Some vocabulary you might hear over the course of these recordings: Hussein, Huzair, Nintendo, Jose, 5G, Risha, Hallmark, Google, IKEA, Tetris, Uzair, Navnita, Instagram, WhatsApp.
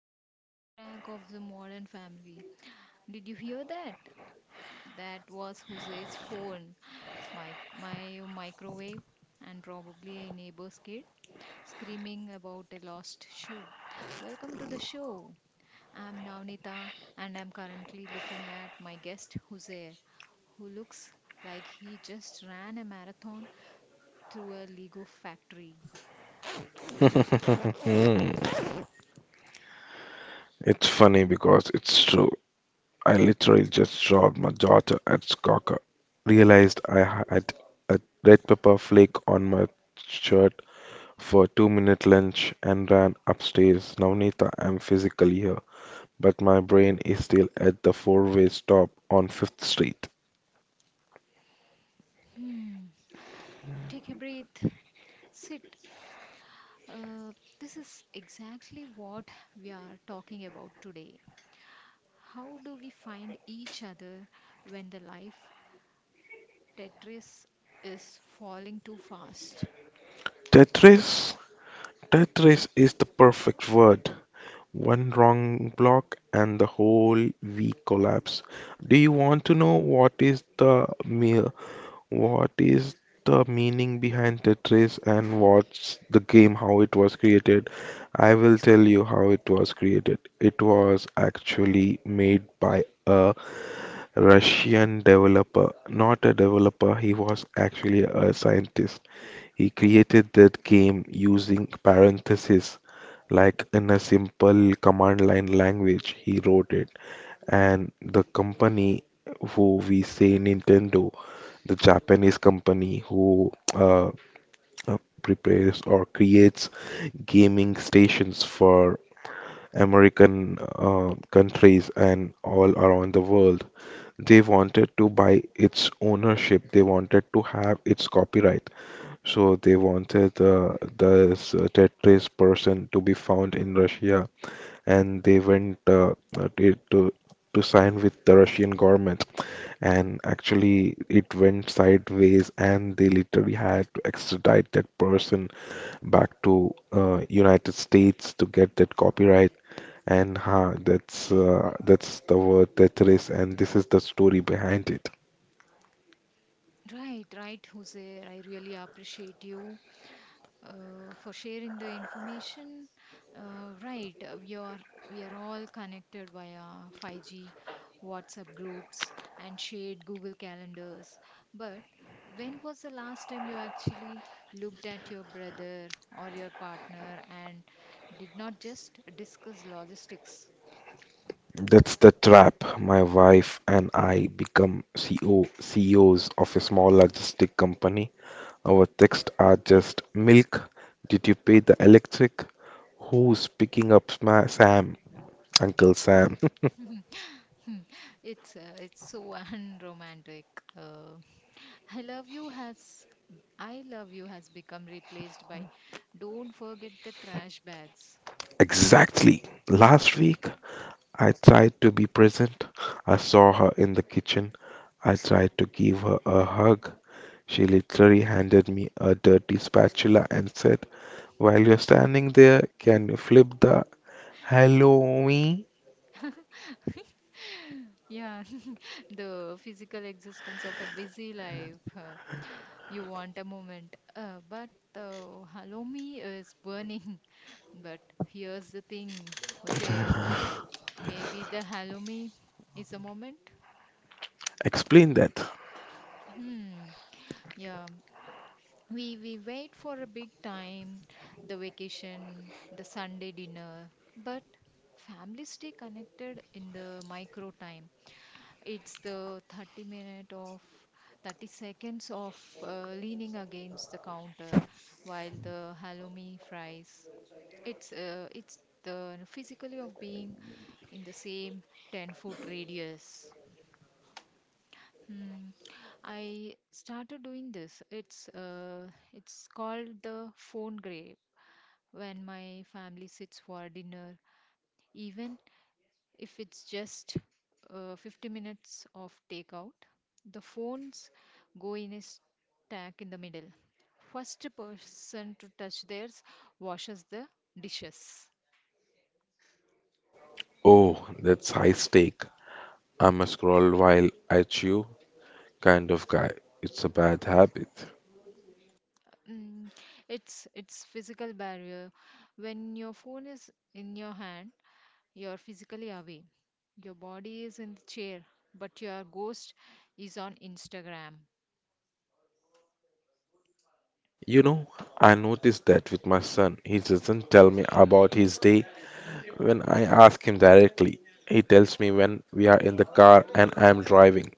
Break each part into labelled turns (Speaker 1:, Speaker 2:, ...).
Speaker 1: is the soundtrack of the modern family. Did you hear that? That was Jose's phone, my microwave, and probably a neighbor's kid screaming about a lost shoe. Welcome to the show. I'm Navnita, and I'm currently looking at my guest Jose, who looks like he just ran a marathon through a Lego factory.
Speaker 2: It's funny because it's true. I literally just dropped my daughter at Skoker, realized I had a red pepper flake on my shirt for 2 minute lunch and ran upstairs. Navnita, I'm physically here, but my brain is still at the four-way stop on Fifth Street.
Speaker 1: Hmm. Take a breath. Sit. Uh, this is exactly what we are talking about today. How do we find each other when the life Tetris is falling too fast?
Speaker 2: Tetris? Tetris is the perfect word. One wrong block and the whole week collapse. Do you want to know what is the meaning behind Tetris and what's the game, how it was created? I will tell you how it was created. It was actually made by a Russian developer. Not a developer, he was actually a scientist. He created that game using parentheses, like in a simple command line language. He wrote it and the company who we say Nintendo, the Japanese company who uh, prepares or creates gaming stations for American countries and all around the world. They wanted to buy its ownership. They wanted to have its copyright. So they wanted this Tetris person to be found in Russia and they went uh, to to to sign with the Russian government. And actually, it went sideways, and they literally had to extradite that person back to United States to get that copyright. And ha, that's the word that and this is the story behind it.
Speaker 1: Right, right, Hussein. I really appreciate you, for sharing the information. Right, we are all connected via 5G, WhatsApp groups, and shared Google calendars. But when was the last time you actually looked at your brother or your partner and did not just discuss logistics?
Speaker 2: That's the trap. My wife and I become CEOs of a small logistic company. Our texts are just milk. Did you pay the electric? Who's picking up Sam? Uncle Sam.
Speaker 1: Hmm, it's so unromantic. Uh, I love you has I love you has become replaced by don't forget the trash bags.
Speaker 2: Exactly. Last week, I tried to be present. I saw her in the kitchen. I tried to give her a hug. She literally handed me a dirty spatula and said, while you're standing there, can you flip the hello me?
Speaker 1: Yeah, the physical existence of a busy life. You want a moment, but hello me is burning. But here's the thing, Jose. Maybe the hello me is a moment.
Speaker 2: Explain that.
Speaker 1: Hmm. Yeah. We wait for a big time, the vacation, the Sunday dinner, but families stay connected in the micro time. It's the 30 minute of 30 seconds of leaning against the counter while the halloumi fries. It's the physically of being in the same 10-foot radius. Hmm. I started doing this. It's called the phone grave when my family sits for dinner, even if it's just 50 minutes of takeout. The phones go in a stack in the middle. First person to touch theirs washes the dishes.
Speaker 2: Oh, that's high stake. I must scroll while I chew. Kind of guy. It's a bad habit.
Speaker 1: Mm, it's physical barrier. When your phone is in your hand, you're physically away. Your body is in the chair, but your ghost is on Instagram.
Speaker 2: You know, I noticed that with my son. He doesn't tell me about his day when I ask him directly. He tells me when we are in the car and I am driving.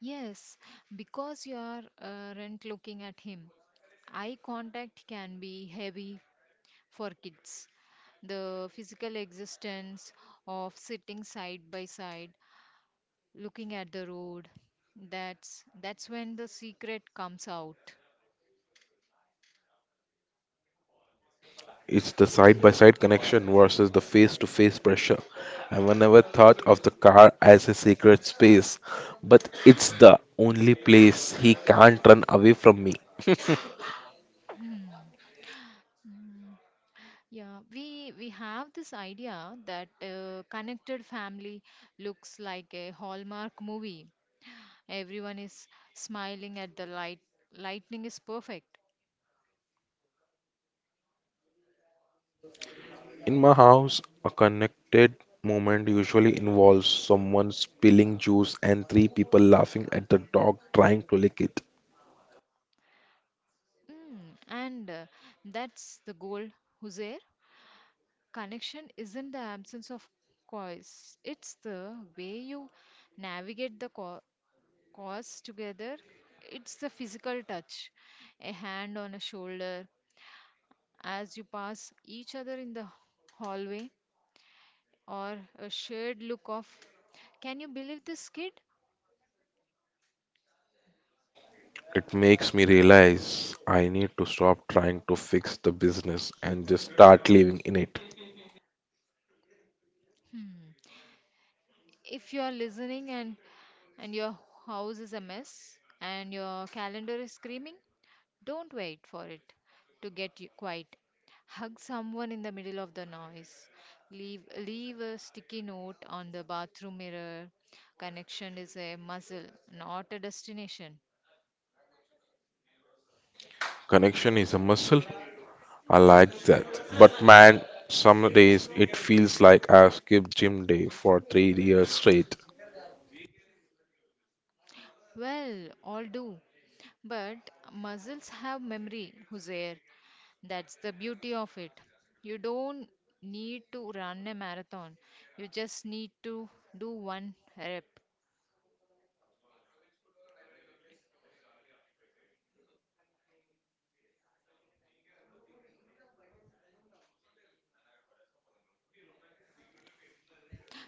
Speaker 1: Yes, because you are rent looking at him. Eye contact can be heavy for kids. The physical existence of sitting side by side, looking at the road, that's when the secret comes out.
Speaker 2: It's the side by side connection versus the face to face pressure. I never thought of the car as a sacred space, but it's the only place he can't run away from me.
Speaker 1: Hmm. Mm. Yeah, we have this idea that connected family looks like a Hallmark movie. Everyone is smiling at the light. Lightning is perfect.
Speaker 2: In my house, a connected moment usually involves someone spilling juice and three people laughing at the dog trying to lick it.
Speaker 1: And that's the goal, Huzair. Connection isn't the absence of cause, it's the way you navigate the cause together. It's the physical touch, a hand on a shoulder as you pass each other in the hallway, or a shared look of, can you believe this kid?
Speaker 2: It makes me realize I need to stop trying to fix the business and just start living in it.
Speaker 1: Hmm. If you are listening, and your house is a mess and your calendar is screaming, don't wait for it to get you quiet. Hug someone in the middle of the noise. Leave a sticky note on the bathroom mirror. Connection is a muscle, not a destination.
Speaker 2: Connection is a muscle. I like that. But man, some days it feels like I've skipped gym day for 3 years straight.
Speaker 1: Well, all do. But muscles have memory, Huzair. That's the beauty of it. You don't need to run a marathon. You just need to do one rep.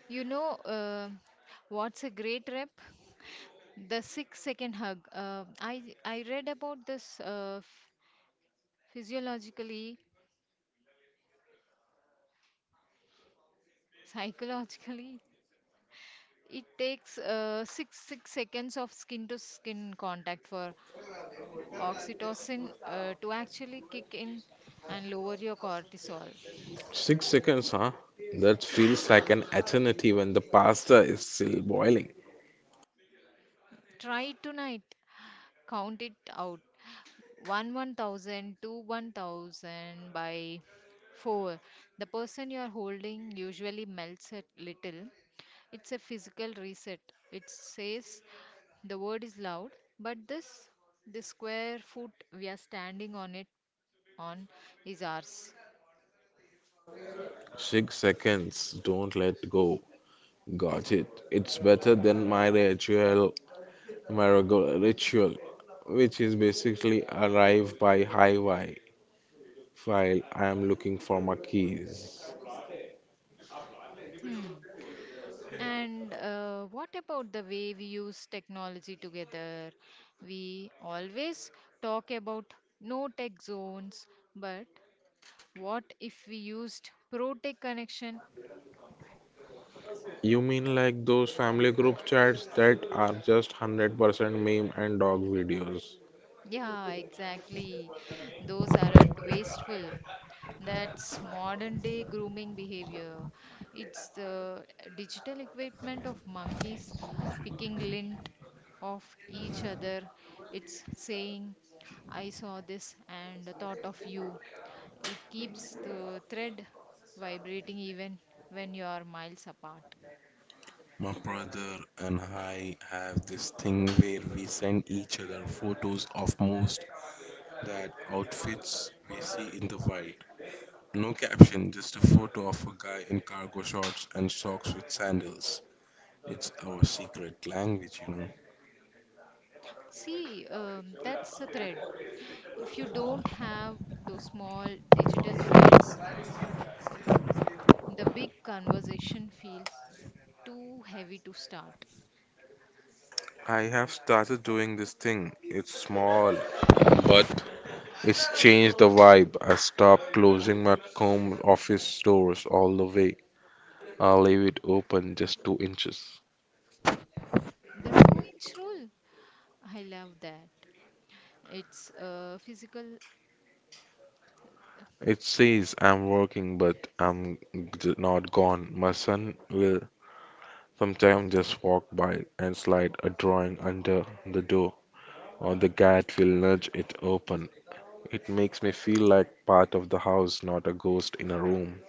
Speaker 1: You know what's a great rep? The 6-second hug. I read about this physiologically, psychologically. It takes six seconds of skin to skin contact for oxytocin to actually kick in and lower your cortisol.
Speaker 2: 6 seconds, huh? That feels like an eternity when the pasta is still boiling.
Speaker 1: Try tonight. Count it out. One one thousand to one thousand by four. The person you are holding usually melts a little. It's a physical reset. It says the word is loud, but this square foot we are standing on it on is ours.
Speaker 2: 6 seconds, don't let go. Got it. It's better than my ritual, my regular ritual, which is basically arrive by highway while I am looking for my keys.
Speaker 1: Hmm. And what about the way we use technology together? We always talk about no tech zones, but what if we used ProTech connection?
Speaker 2: You mean like those family group chats that are just 100% meme and dog videos?
Speaker 1: Yeah, exactly. Those aren't wasteful. That's modern day grooming behavior. It's the digital equipment of monkeys picking lint off each other. It's saying, I saw this and thought of you. It keeps the thread vibrating even when you are miles apart.
Speaker 2: My brother and I have this thing where we send each other photos of most that outfits we see in the wild. No caption, just a photo of a guy in cargo shorts and socks with sandals. It's our secret language, you know.
Speaker 1: See, that's a thread. If you don't have those small digital threads, the big conversation feels too heavy to start.
Speaker 2: I have started doing this thing. It's small, but it's changed the vibe. I stopped closing my home office doors all the way. I leave it open just 2 inches.
Speaker 1: The 2-inch rule, I love that. It's a physical,
Speaker 2: It says I'm working, but I'm not gone. My son will sometimes just walk by and slide a drawing under the door. Or the cat will nudge it open. It makes me feel like part of the house, not a ghost in a room.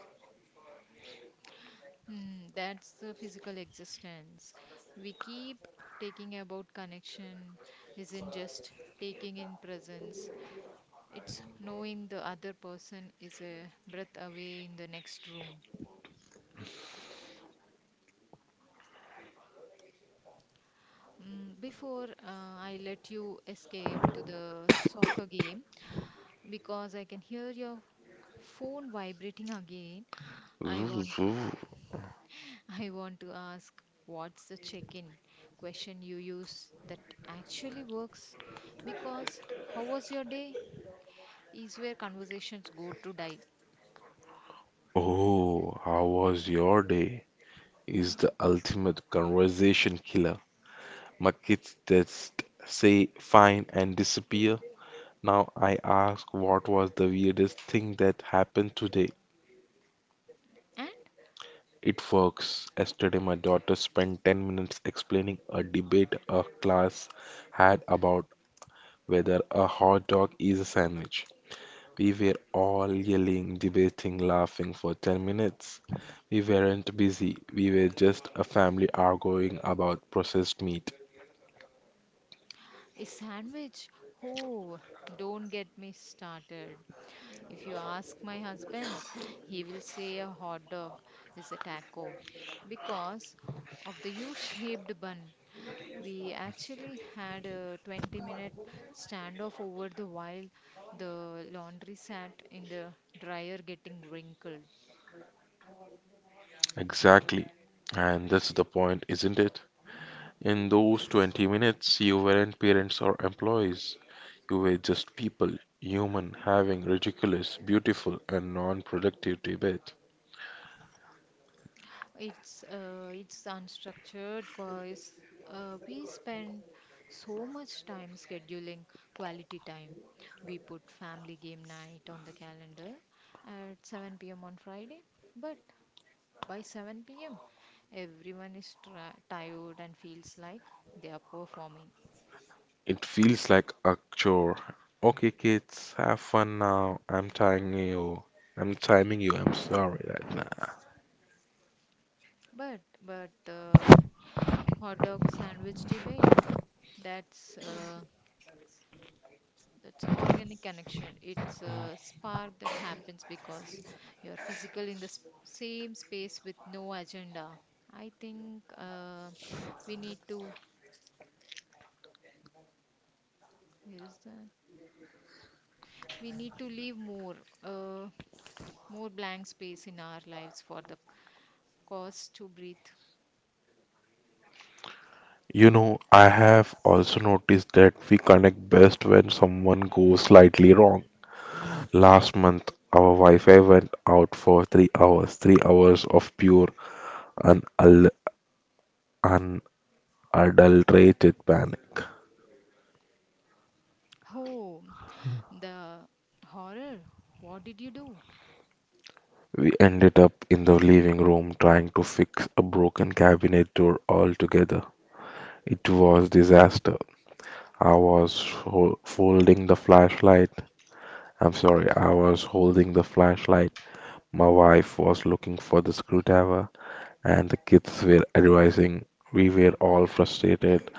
Speaker 1: that's the physical existence. We keep taking about connection, isn't just taking in presence, it's knowing the other person is a breath away in the next room. Before I let you escape to the soccer game, because I can hear your phone vibrating again, I
Speaker 2: Zoo,
Speaker 1: want
Speaker 2: zoo.
Speaker 1: I want to ask, what's the check-in question you use that actually works? Because how was your day is where conversations go to die.
Speaker 2: Oh, how was your day? Is the ultimate conversation killer. My kids just say fine and disappear. Now I ask what was the weirdest thing that happened today.
Speaker 1: And
Speaker 2: It works. Yesterday, my daughter spent 10 minutes explaining a debate a class had about whether a hot dog is a sandwich. We were all yelling, debating, laughing for 10 minutes. We weren't busy, we were just a family arguing about processed meat.
Speaker 1: a sandwich. Oh, don't get me started. If you ask my husband, he will say a hot dog is a taco because of the U shaped bun. We actually had a 20-minute standoff over the while the laundry sat in the dryer getting wrinkled.
Speaker 2: Exactly. And that's the point, isn't it? In those 20 minutes, you weren't parents or employees. You were just people, human, having ridiculous, beautiful, and non productive debate.
Speaker 1: It's unstructured because we spend so much time scheduling quality time. We put family game night on the calendar at 7 p.m. on Friday, but by 7 p.m. everyone is tra tired and feels like they are performing.
Speaker 2: It feels like a chore. Okay, kids, have fun now. I'm timing you. I'm timing you. I'm sorry right now.
Speaker 1: But the hot dog sandwich debate, that's uh, That's organic connection. It's a spark that happens because you're physical in the same space with no agenda. I think we need to. Where is that? We need to leave uh, more blank space in our lives for the cause to breathe.
Speaker 2: You know, I have also noticed that we connect best when someone goes slightly wrong. Last month, our Wi-Fi went out for 3 hours, 3 hours of pure and unadulterated panic.
Speaker 1: Oh, the horror! What did you do?
Speaker 2: We ended up in the living room trying to fix a broken cabinet door altogether. It was disaster. I was folding the flashlight. I'm sorry, I was holding the flashlight. My wife was looking for the screwdriver. And the kids were advising. We were all frustrated,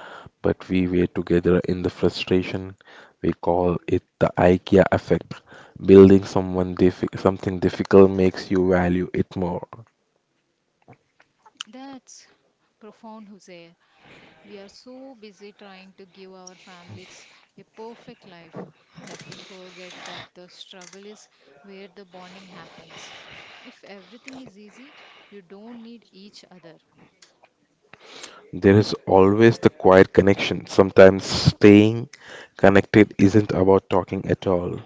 Speaker 2: but we were together in the frustration. We call it the IKEA effect. Building something difficult makes you value it more.
Speaker 1: That's profound, Hussein. We are so busy trying to give our families a perfect life that we forget that the struggle is where the bonding happens. If everything is easy, you don't need each other.
Speaker 2: There is always the quiet connection. Sometimes staying connected isn't about talking at all.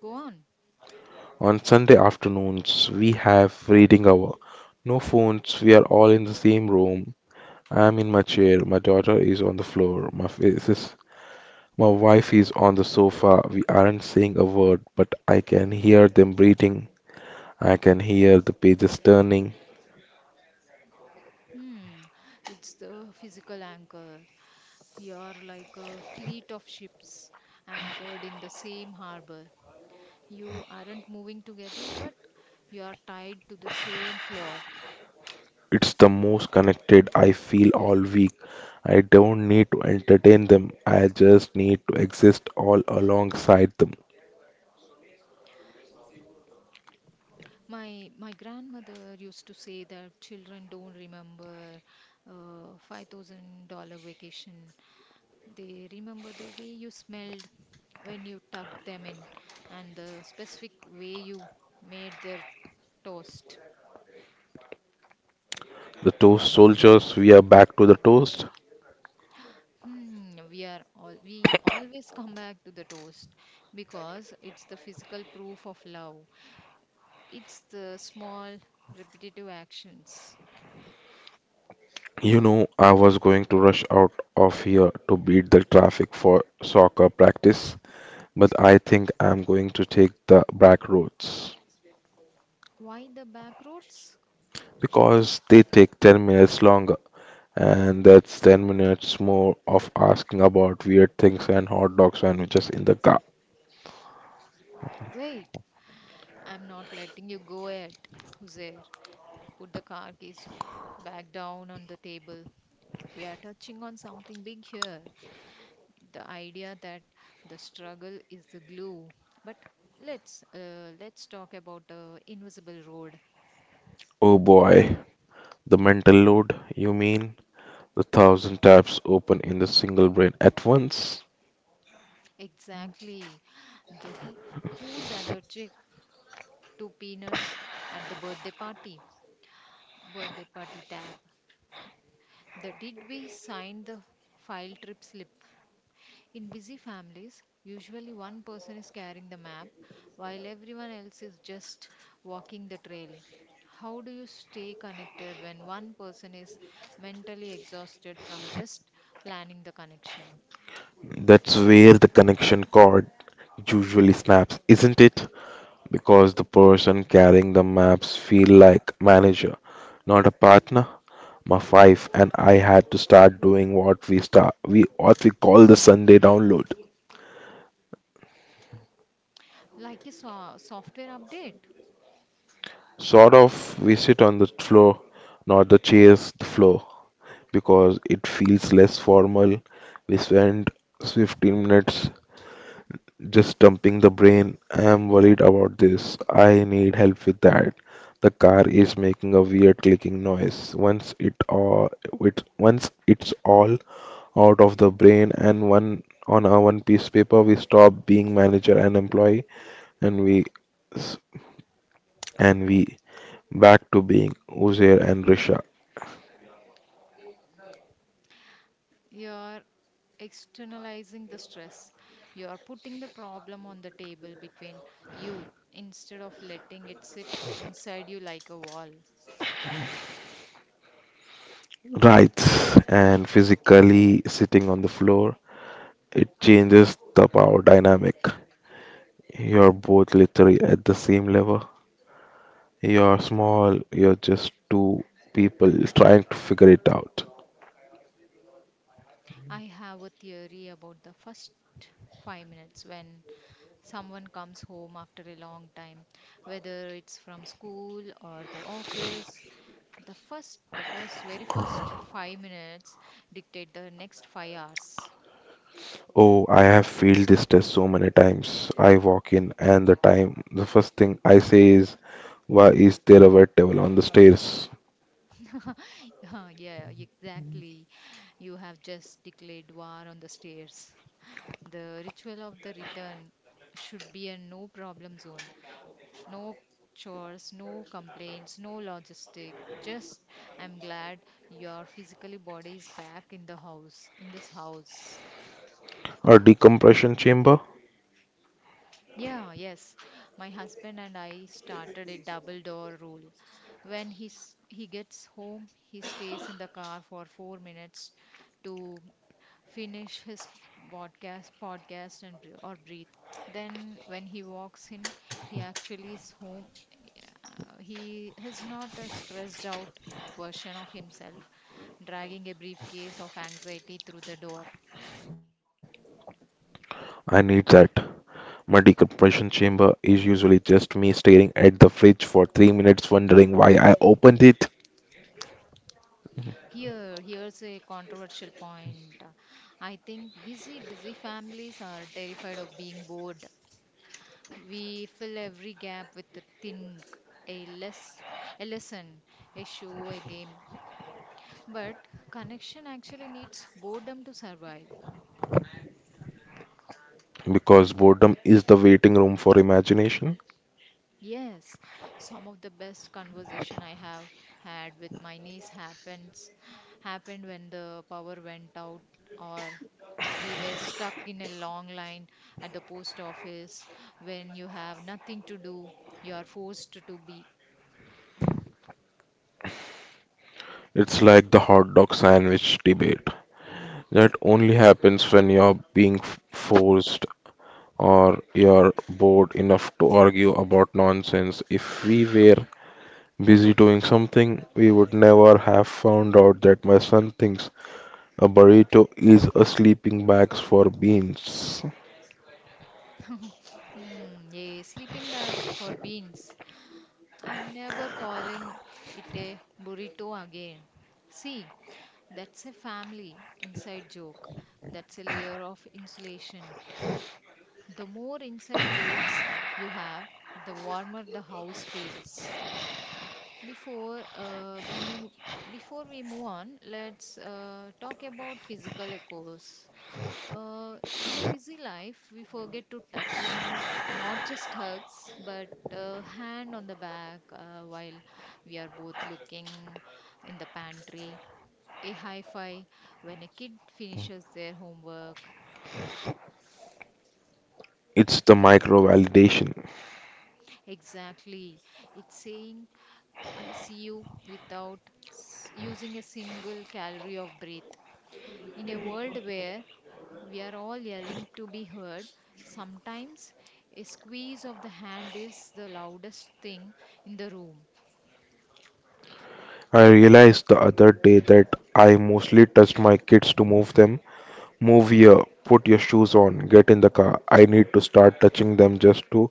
Speaker 1: Go on.
Speaker 2: On Sunday afternoons, we have reading hour. No phones, we are all in the same room. I am in my chair, my daughter is on the floor, my f- sis My wife is on the sofa. We aren't saying a word, but I can hear them breathing. I can hear the pages turning.
Speaker 1: Hmm, it's the physical anchor. You are like a fleet of ships anchored in the same harbor. You aren't moving together, but you are tied to the same floor.
Speaker 2: It's the most connected I feel all week. I don't need to entertain them. I just need to exist all alongside them.
Speaker 1: My grandmother used to say that children don't remember $5,000 vacation. They remember the way you smelled when you tucked them in and the specific way you made their toast.
Speaker 2: The toast soldiers, we are back to the toast.
Speaker 1: We are all we always come back to the toast because it's the physical proof of love. It's the small repetitive actions.
Speaker 2: You know, I was going to rush out of here to beat the traffic for soccer practice, but I think I'm going to take the back roads.
Speaker 1: Why the back roads?
Speaker 2: Because they take 10 minutes longer. And that's 10 minutes more of asking about weird things and hot dog sandwiches in the car.
Speaker 1: Wait, I'm not letting you go yet, Huzair. Put the car keys back down on the table. We are touching on something big here. The idea that the struggle is the glue. But let's talk about invisible road.
Speaker 2: Oh boy, the mental load, you mean? The thousand tabs open in the single brain at once?
Speaker 1: Exactly. The who's allergic to peanuts at the birthday party? Birthday party tab. The did we sign the file trip slip. In busy families, usually one person is carrying the map while everyone else is just walking the trail. How do you stay connected when one person is mentally exhausted from just planning the connection?
Speaker 2: That's where the connection cord usually snaps, isn't it? Because the person carrying the maps feel like manager, not a partner. My wife and I had to start doing what we call the Sunday download.
Speaker 1: Like a software update,
Speaker 2: Sort of, we sit on the floor, not the chairs, the floor, because it feels less formal. We spend 15 minutes just dumping the brain. I am worried about this. I need help with that. The car is making a weird clicking noise. Once it's all out of the brain and one on a one piece paper, we stop being manager and employee, and we and we back to being Uzair and Risha.
Speaker 1: you're externalizing the stress. You're putting the problem on the table between you instead of letting it sit inside you like a wall.
Speaker 2: Right, and physically sitting on the floor, it changes the power dynamic. You're both literally at the same level. You're small, you're just two people trying to figure it out.
Speaker 1: I have a theory about the first 5 minutes when someone comes home after a long time, whether it's from school or the office. The very first 5 minutes dictate the next 5 hours.
Speaker 2: Oh, I have failed this test so many times. I walk in, and the first thing I say is, why is there a wet towel on the stairs?
Speaker 1: Yeah, yeah, exactly. You have just declared war on the stairs. The ritual of the return should be a no problem zone. No chores, no complaints, no logistic. Just I'm glad your physically body is back in the house, in this house.
Speaker 2: A decompression chamber?
Speaker 1: Yeah, yes. My husband and I started a double door rule. When he gets home, he stays in the car for 4 minutes to finish his podcast and bre- or breathe. Then when he walks in, he actually is home. He is not a stressed out version of himself, dragging a briefcase of anxiety through the door.
Speaker 2: I need that. My decompression chamber is usually just me staring at the fridge for 3 minutes, wondering why I opened it.
Speaker 1: Here's a controversial point. I think busy families are terrified of being bored. We fill every gap with a thing, a less, a lesson, a show, a game. But connection actually needs boredom to survive.
Speaker 2: Because boredom is the waiting room for imagination.
Speaker 1: Yes, some of the best conversation I have had with my niece happens happened when the power went out or we were stuck in a long line at the post office when you have nothing to do you are forced to be.
Speaker 2: It's like the hot dog sandwich debate. That only happens when you're being forced or you're bored enough to argue about nonsense. If we were busy doing something, we would never have found out that my son thinks a burrito is a sleeping bag for beans.
Speaker 1: A sleeping bag for beans, I'm never calling it a burrito again. See, that's a family inside joke, that's a layer of insulation. The more inside jokes you have, the warmer the house feels. Before uh, we move, before we move on, let's talk about physical echoes. In a busy life, we forget to touch, not just hugs, but hand on the back while we are both looking in the pantry. A high five when a kid finishes their homework.
Speaker 2: It's the micro validation.
Speaker 1: Exactly, it's saying I see you without using a single calorie of breath. In a world where we are all yelling to be heard, sometimes a squeeze of the hand is the loudest thing in the room.
Speaker 2: I realized the other day that I mostly touched my kids to move them. Move here, put your shoes on, get in the car. I need to start touching them just to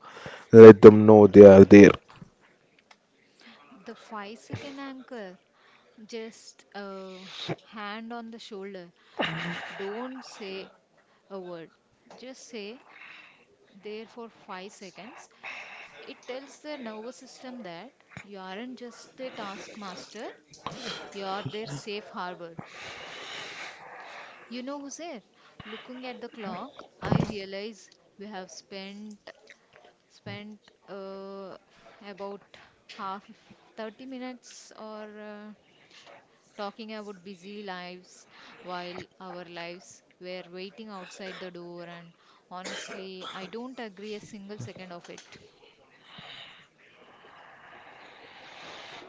Speaker 2: let them know they are there.
Speaker 1: The 5-second anchor, just a hand on the shoulder. Don't say a word. Just say there for 5 seconds. It tells the nervous system that you aren't just a taskmaster, you're their safe harbor. You know who's there? Looking at the clock, I realize we have spent uh, about half 30 minutes or talking about busy lives while our lives were waiting outside the door, and honestly I don't agree a single second of it.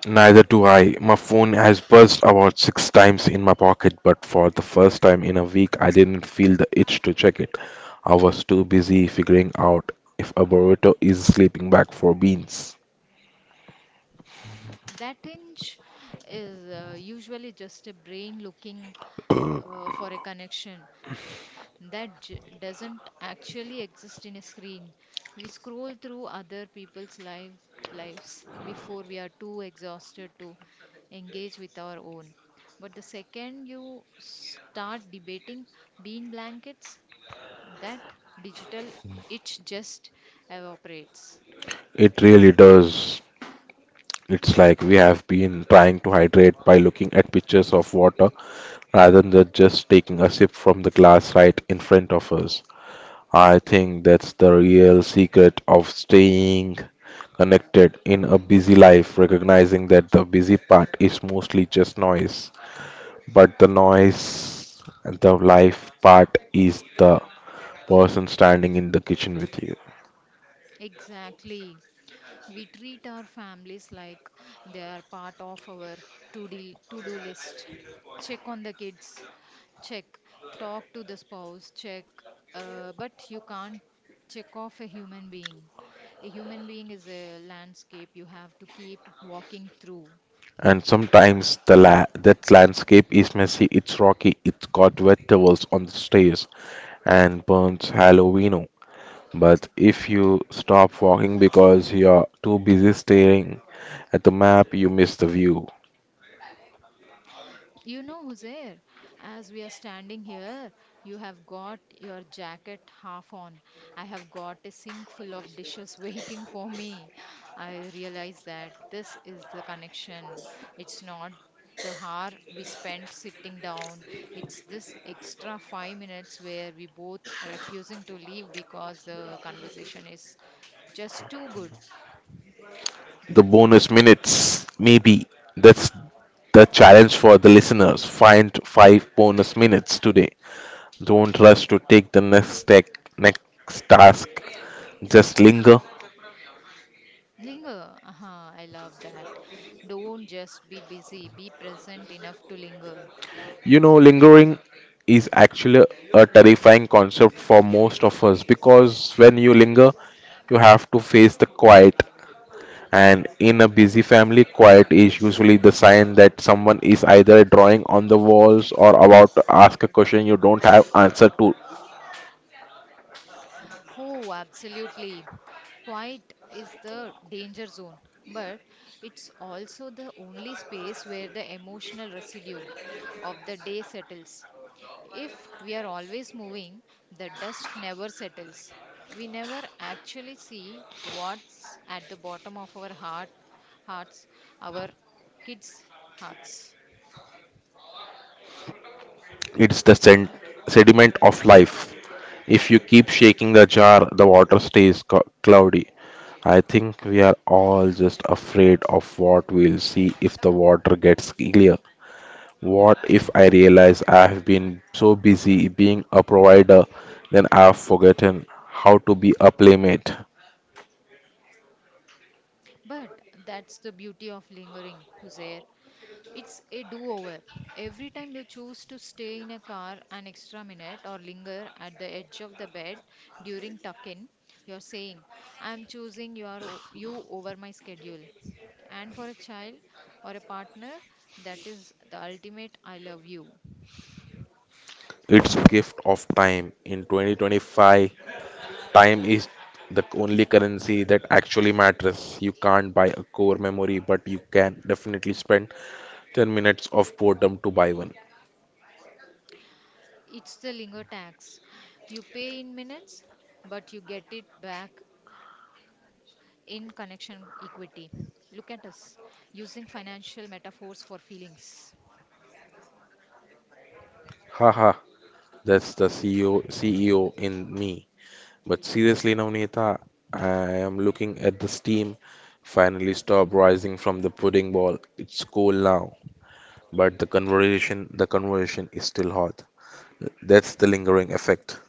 Speaker 2: Neither do I. My phone has buzzed about six times in my pocket, but for the first time in a week, I didn't feel the itch to check it. I was too busy figuring out if a burrito is sleeping bag for beans.
Speaker 1: That inch is usually just a brain looking for a connection. That doesn't actually exist in a screen. We scroll through other people's lives before we are too exhausted to engage with our own. But the second you start debating bean blankets, that digital itch just evaporates.
Speaker 2: It really does. It's like we have been trying to hydrate by looking at pictures of water rather than just taking a sip from the glass right in front of us. I think that's the real secret of staying connected in a busy life, recognizing that the busy part is mostly just noise, but the noise and the life part is the person standing in the kitchen with you.
Speaker 1: Exactly. We treat our families like they are part of our to do to do list. Check on the kids, check, talk to the spouse, check, but you can't check off a human being. A human being is a landscape you have to keep walking through.
Speaker 2: And sometimes that landscape is messy, it's rocky, it's got vegetables on the stairs, and burns Halloween. But if you stop walking because you're too busy staring at the map, you miss the view.
Speaker 1: Huzair, as we are standing here, you have got your jacket half on. I have got a sink full of dishes waiting for me. I realize that this is the connection. It's not the hour we spent sitting down, it's this extra 5 minutes where we both refusing to leave because the conversation is just too good.
Speaker 2: The bonus minutes, maybe. That's the challenge for the listeners. Find 5 bonus minutes today. Don't rush to take the next task. Just linger.
Speaker 1: Linger. Uh-huh, I love that. Don't just be busy, be present enough to linger.
Speaker 2: You know, lingering is actually a terrifying concept for most of us because when you linger, you have to face the quiet. And in a busy family, quiet is usually the sign that someone is either drawing on the walls or about to ask a question you don't have answer to.
Speaker 1: Oh, absolutely. Quiet is the danger zone, but it's also the only space where the emotional residue of the day settles. If we are always moving, the dust never settles. We never actually see what's at the bottom of our hearts, our kids' hearts.
Speaker 2: It's the sediment of life. If you keep shaking the jar, the water stays cloudy. I think we are all just afraid of what we'll see if the water gets clear. What if I realize I have been so busy being a provider, then I've forgotten how to be a playmate?
Speaker 1: But that's the beauty of lingering, Hussein. It's a do over. Every time you choose to stay in a car an extra minute or linger at the edge of the bed during tuck in, you're saying, I'm choosing you over my schedule. And for a child or a partner, that is the ultimate I love you.
Speaker 2: It's gift of time. In 2025, time is the only currency that actually matters. You can't buy a core memory, but you can definitely spend 10 minutes of boredom to buy one.
Speaker 1: It's the linger tax. You pay in minutes, but you get it back in connection equity. Look at us using financial metaphors for feelings.
Speaker 2: Haha, that's the CEO CEO in me. But seriously, Navneeta, I am looking at the steam finally stop rising from the pudding ball. It's cool now, but the conversation is still hot. That's the lingering effect.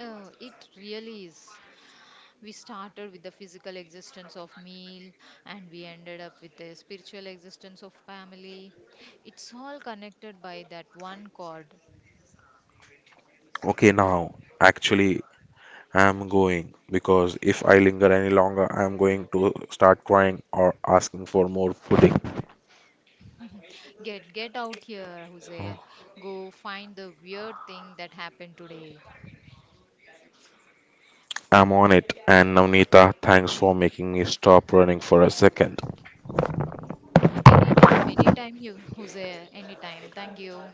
Speaker 1: It really is. We started with the physical existence of meal and we ended up with the spiritual existence of family. It's all connected by that one chord.
Speaker 2: Okay, now actually I'm going because if I linger any longer, I'm going to start crying or asking for more pudding.
Speaker 1: Get out here, Jose. Go find the weird thing that happened today.
Speaker 2: I'm on it, and Navneeta, thanks for making me stop running for a second.
Speaker 1: Anytime, anytime you, Jose, anytime. Thank you.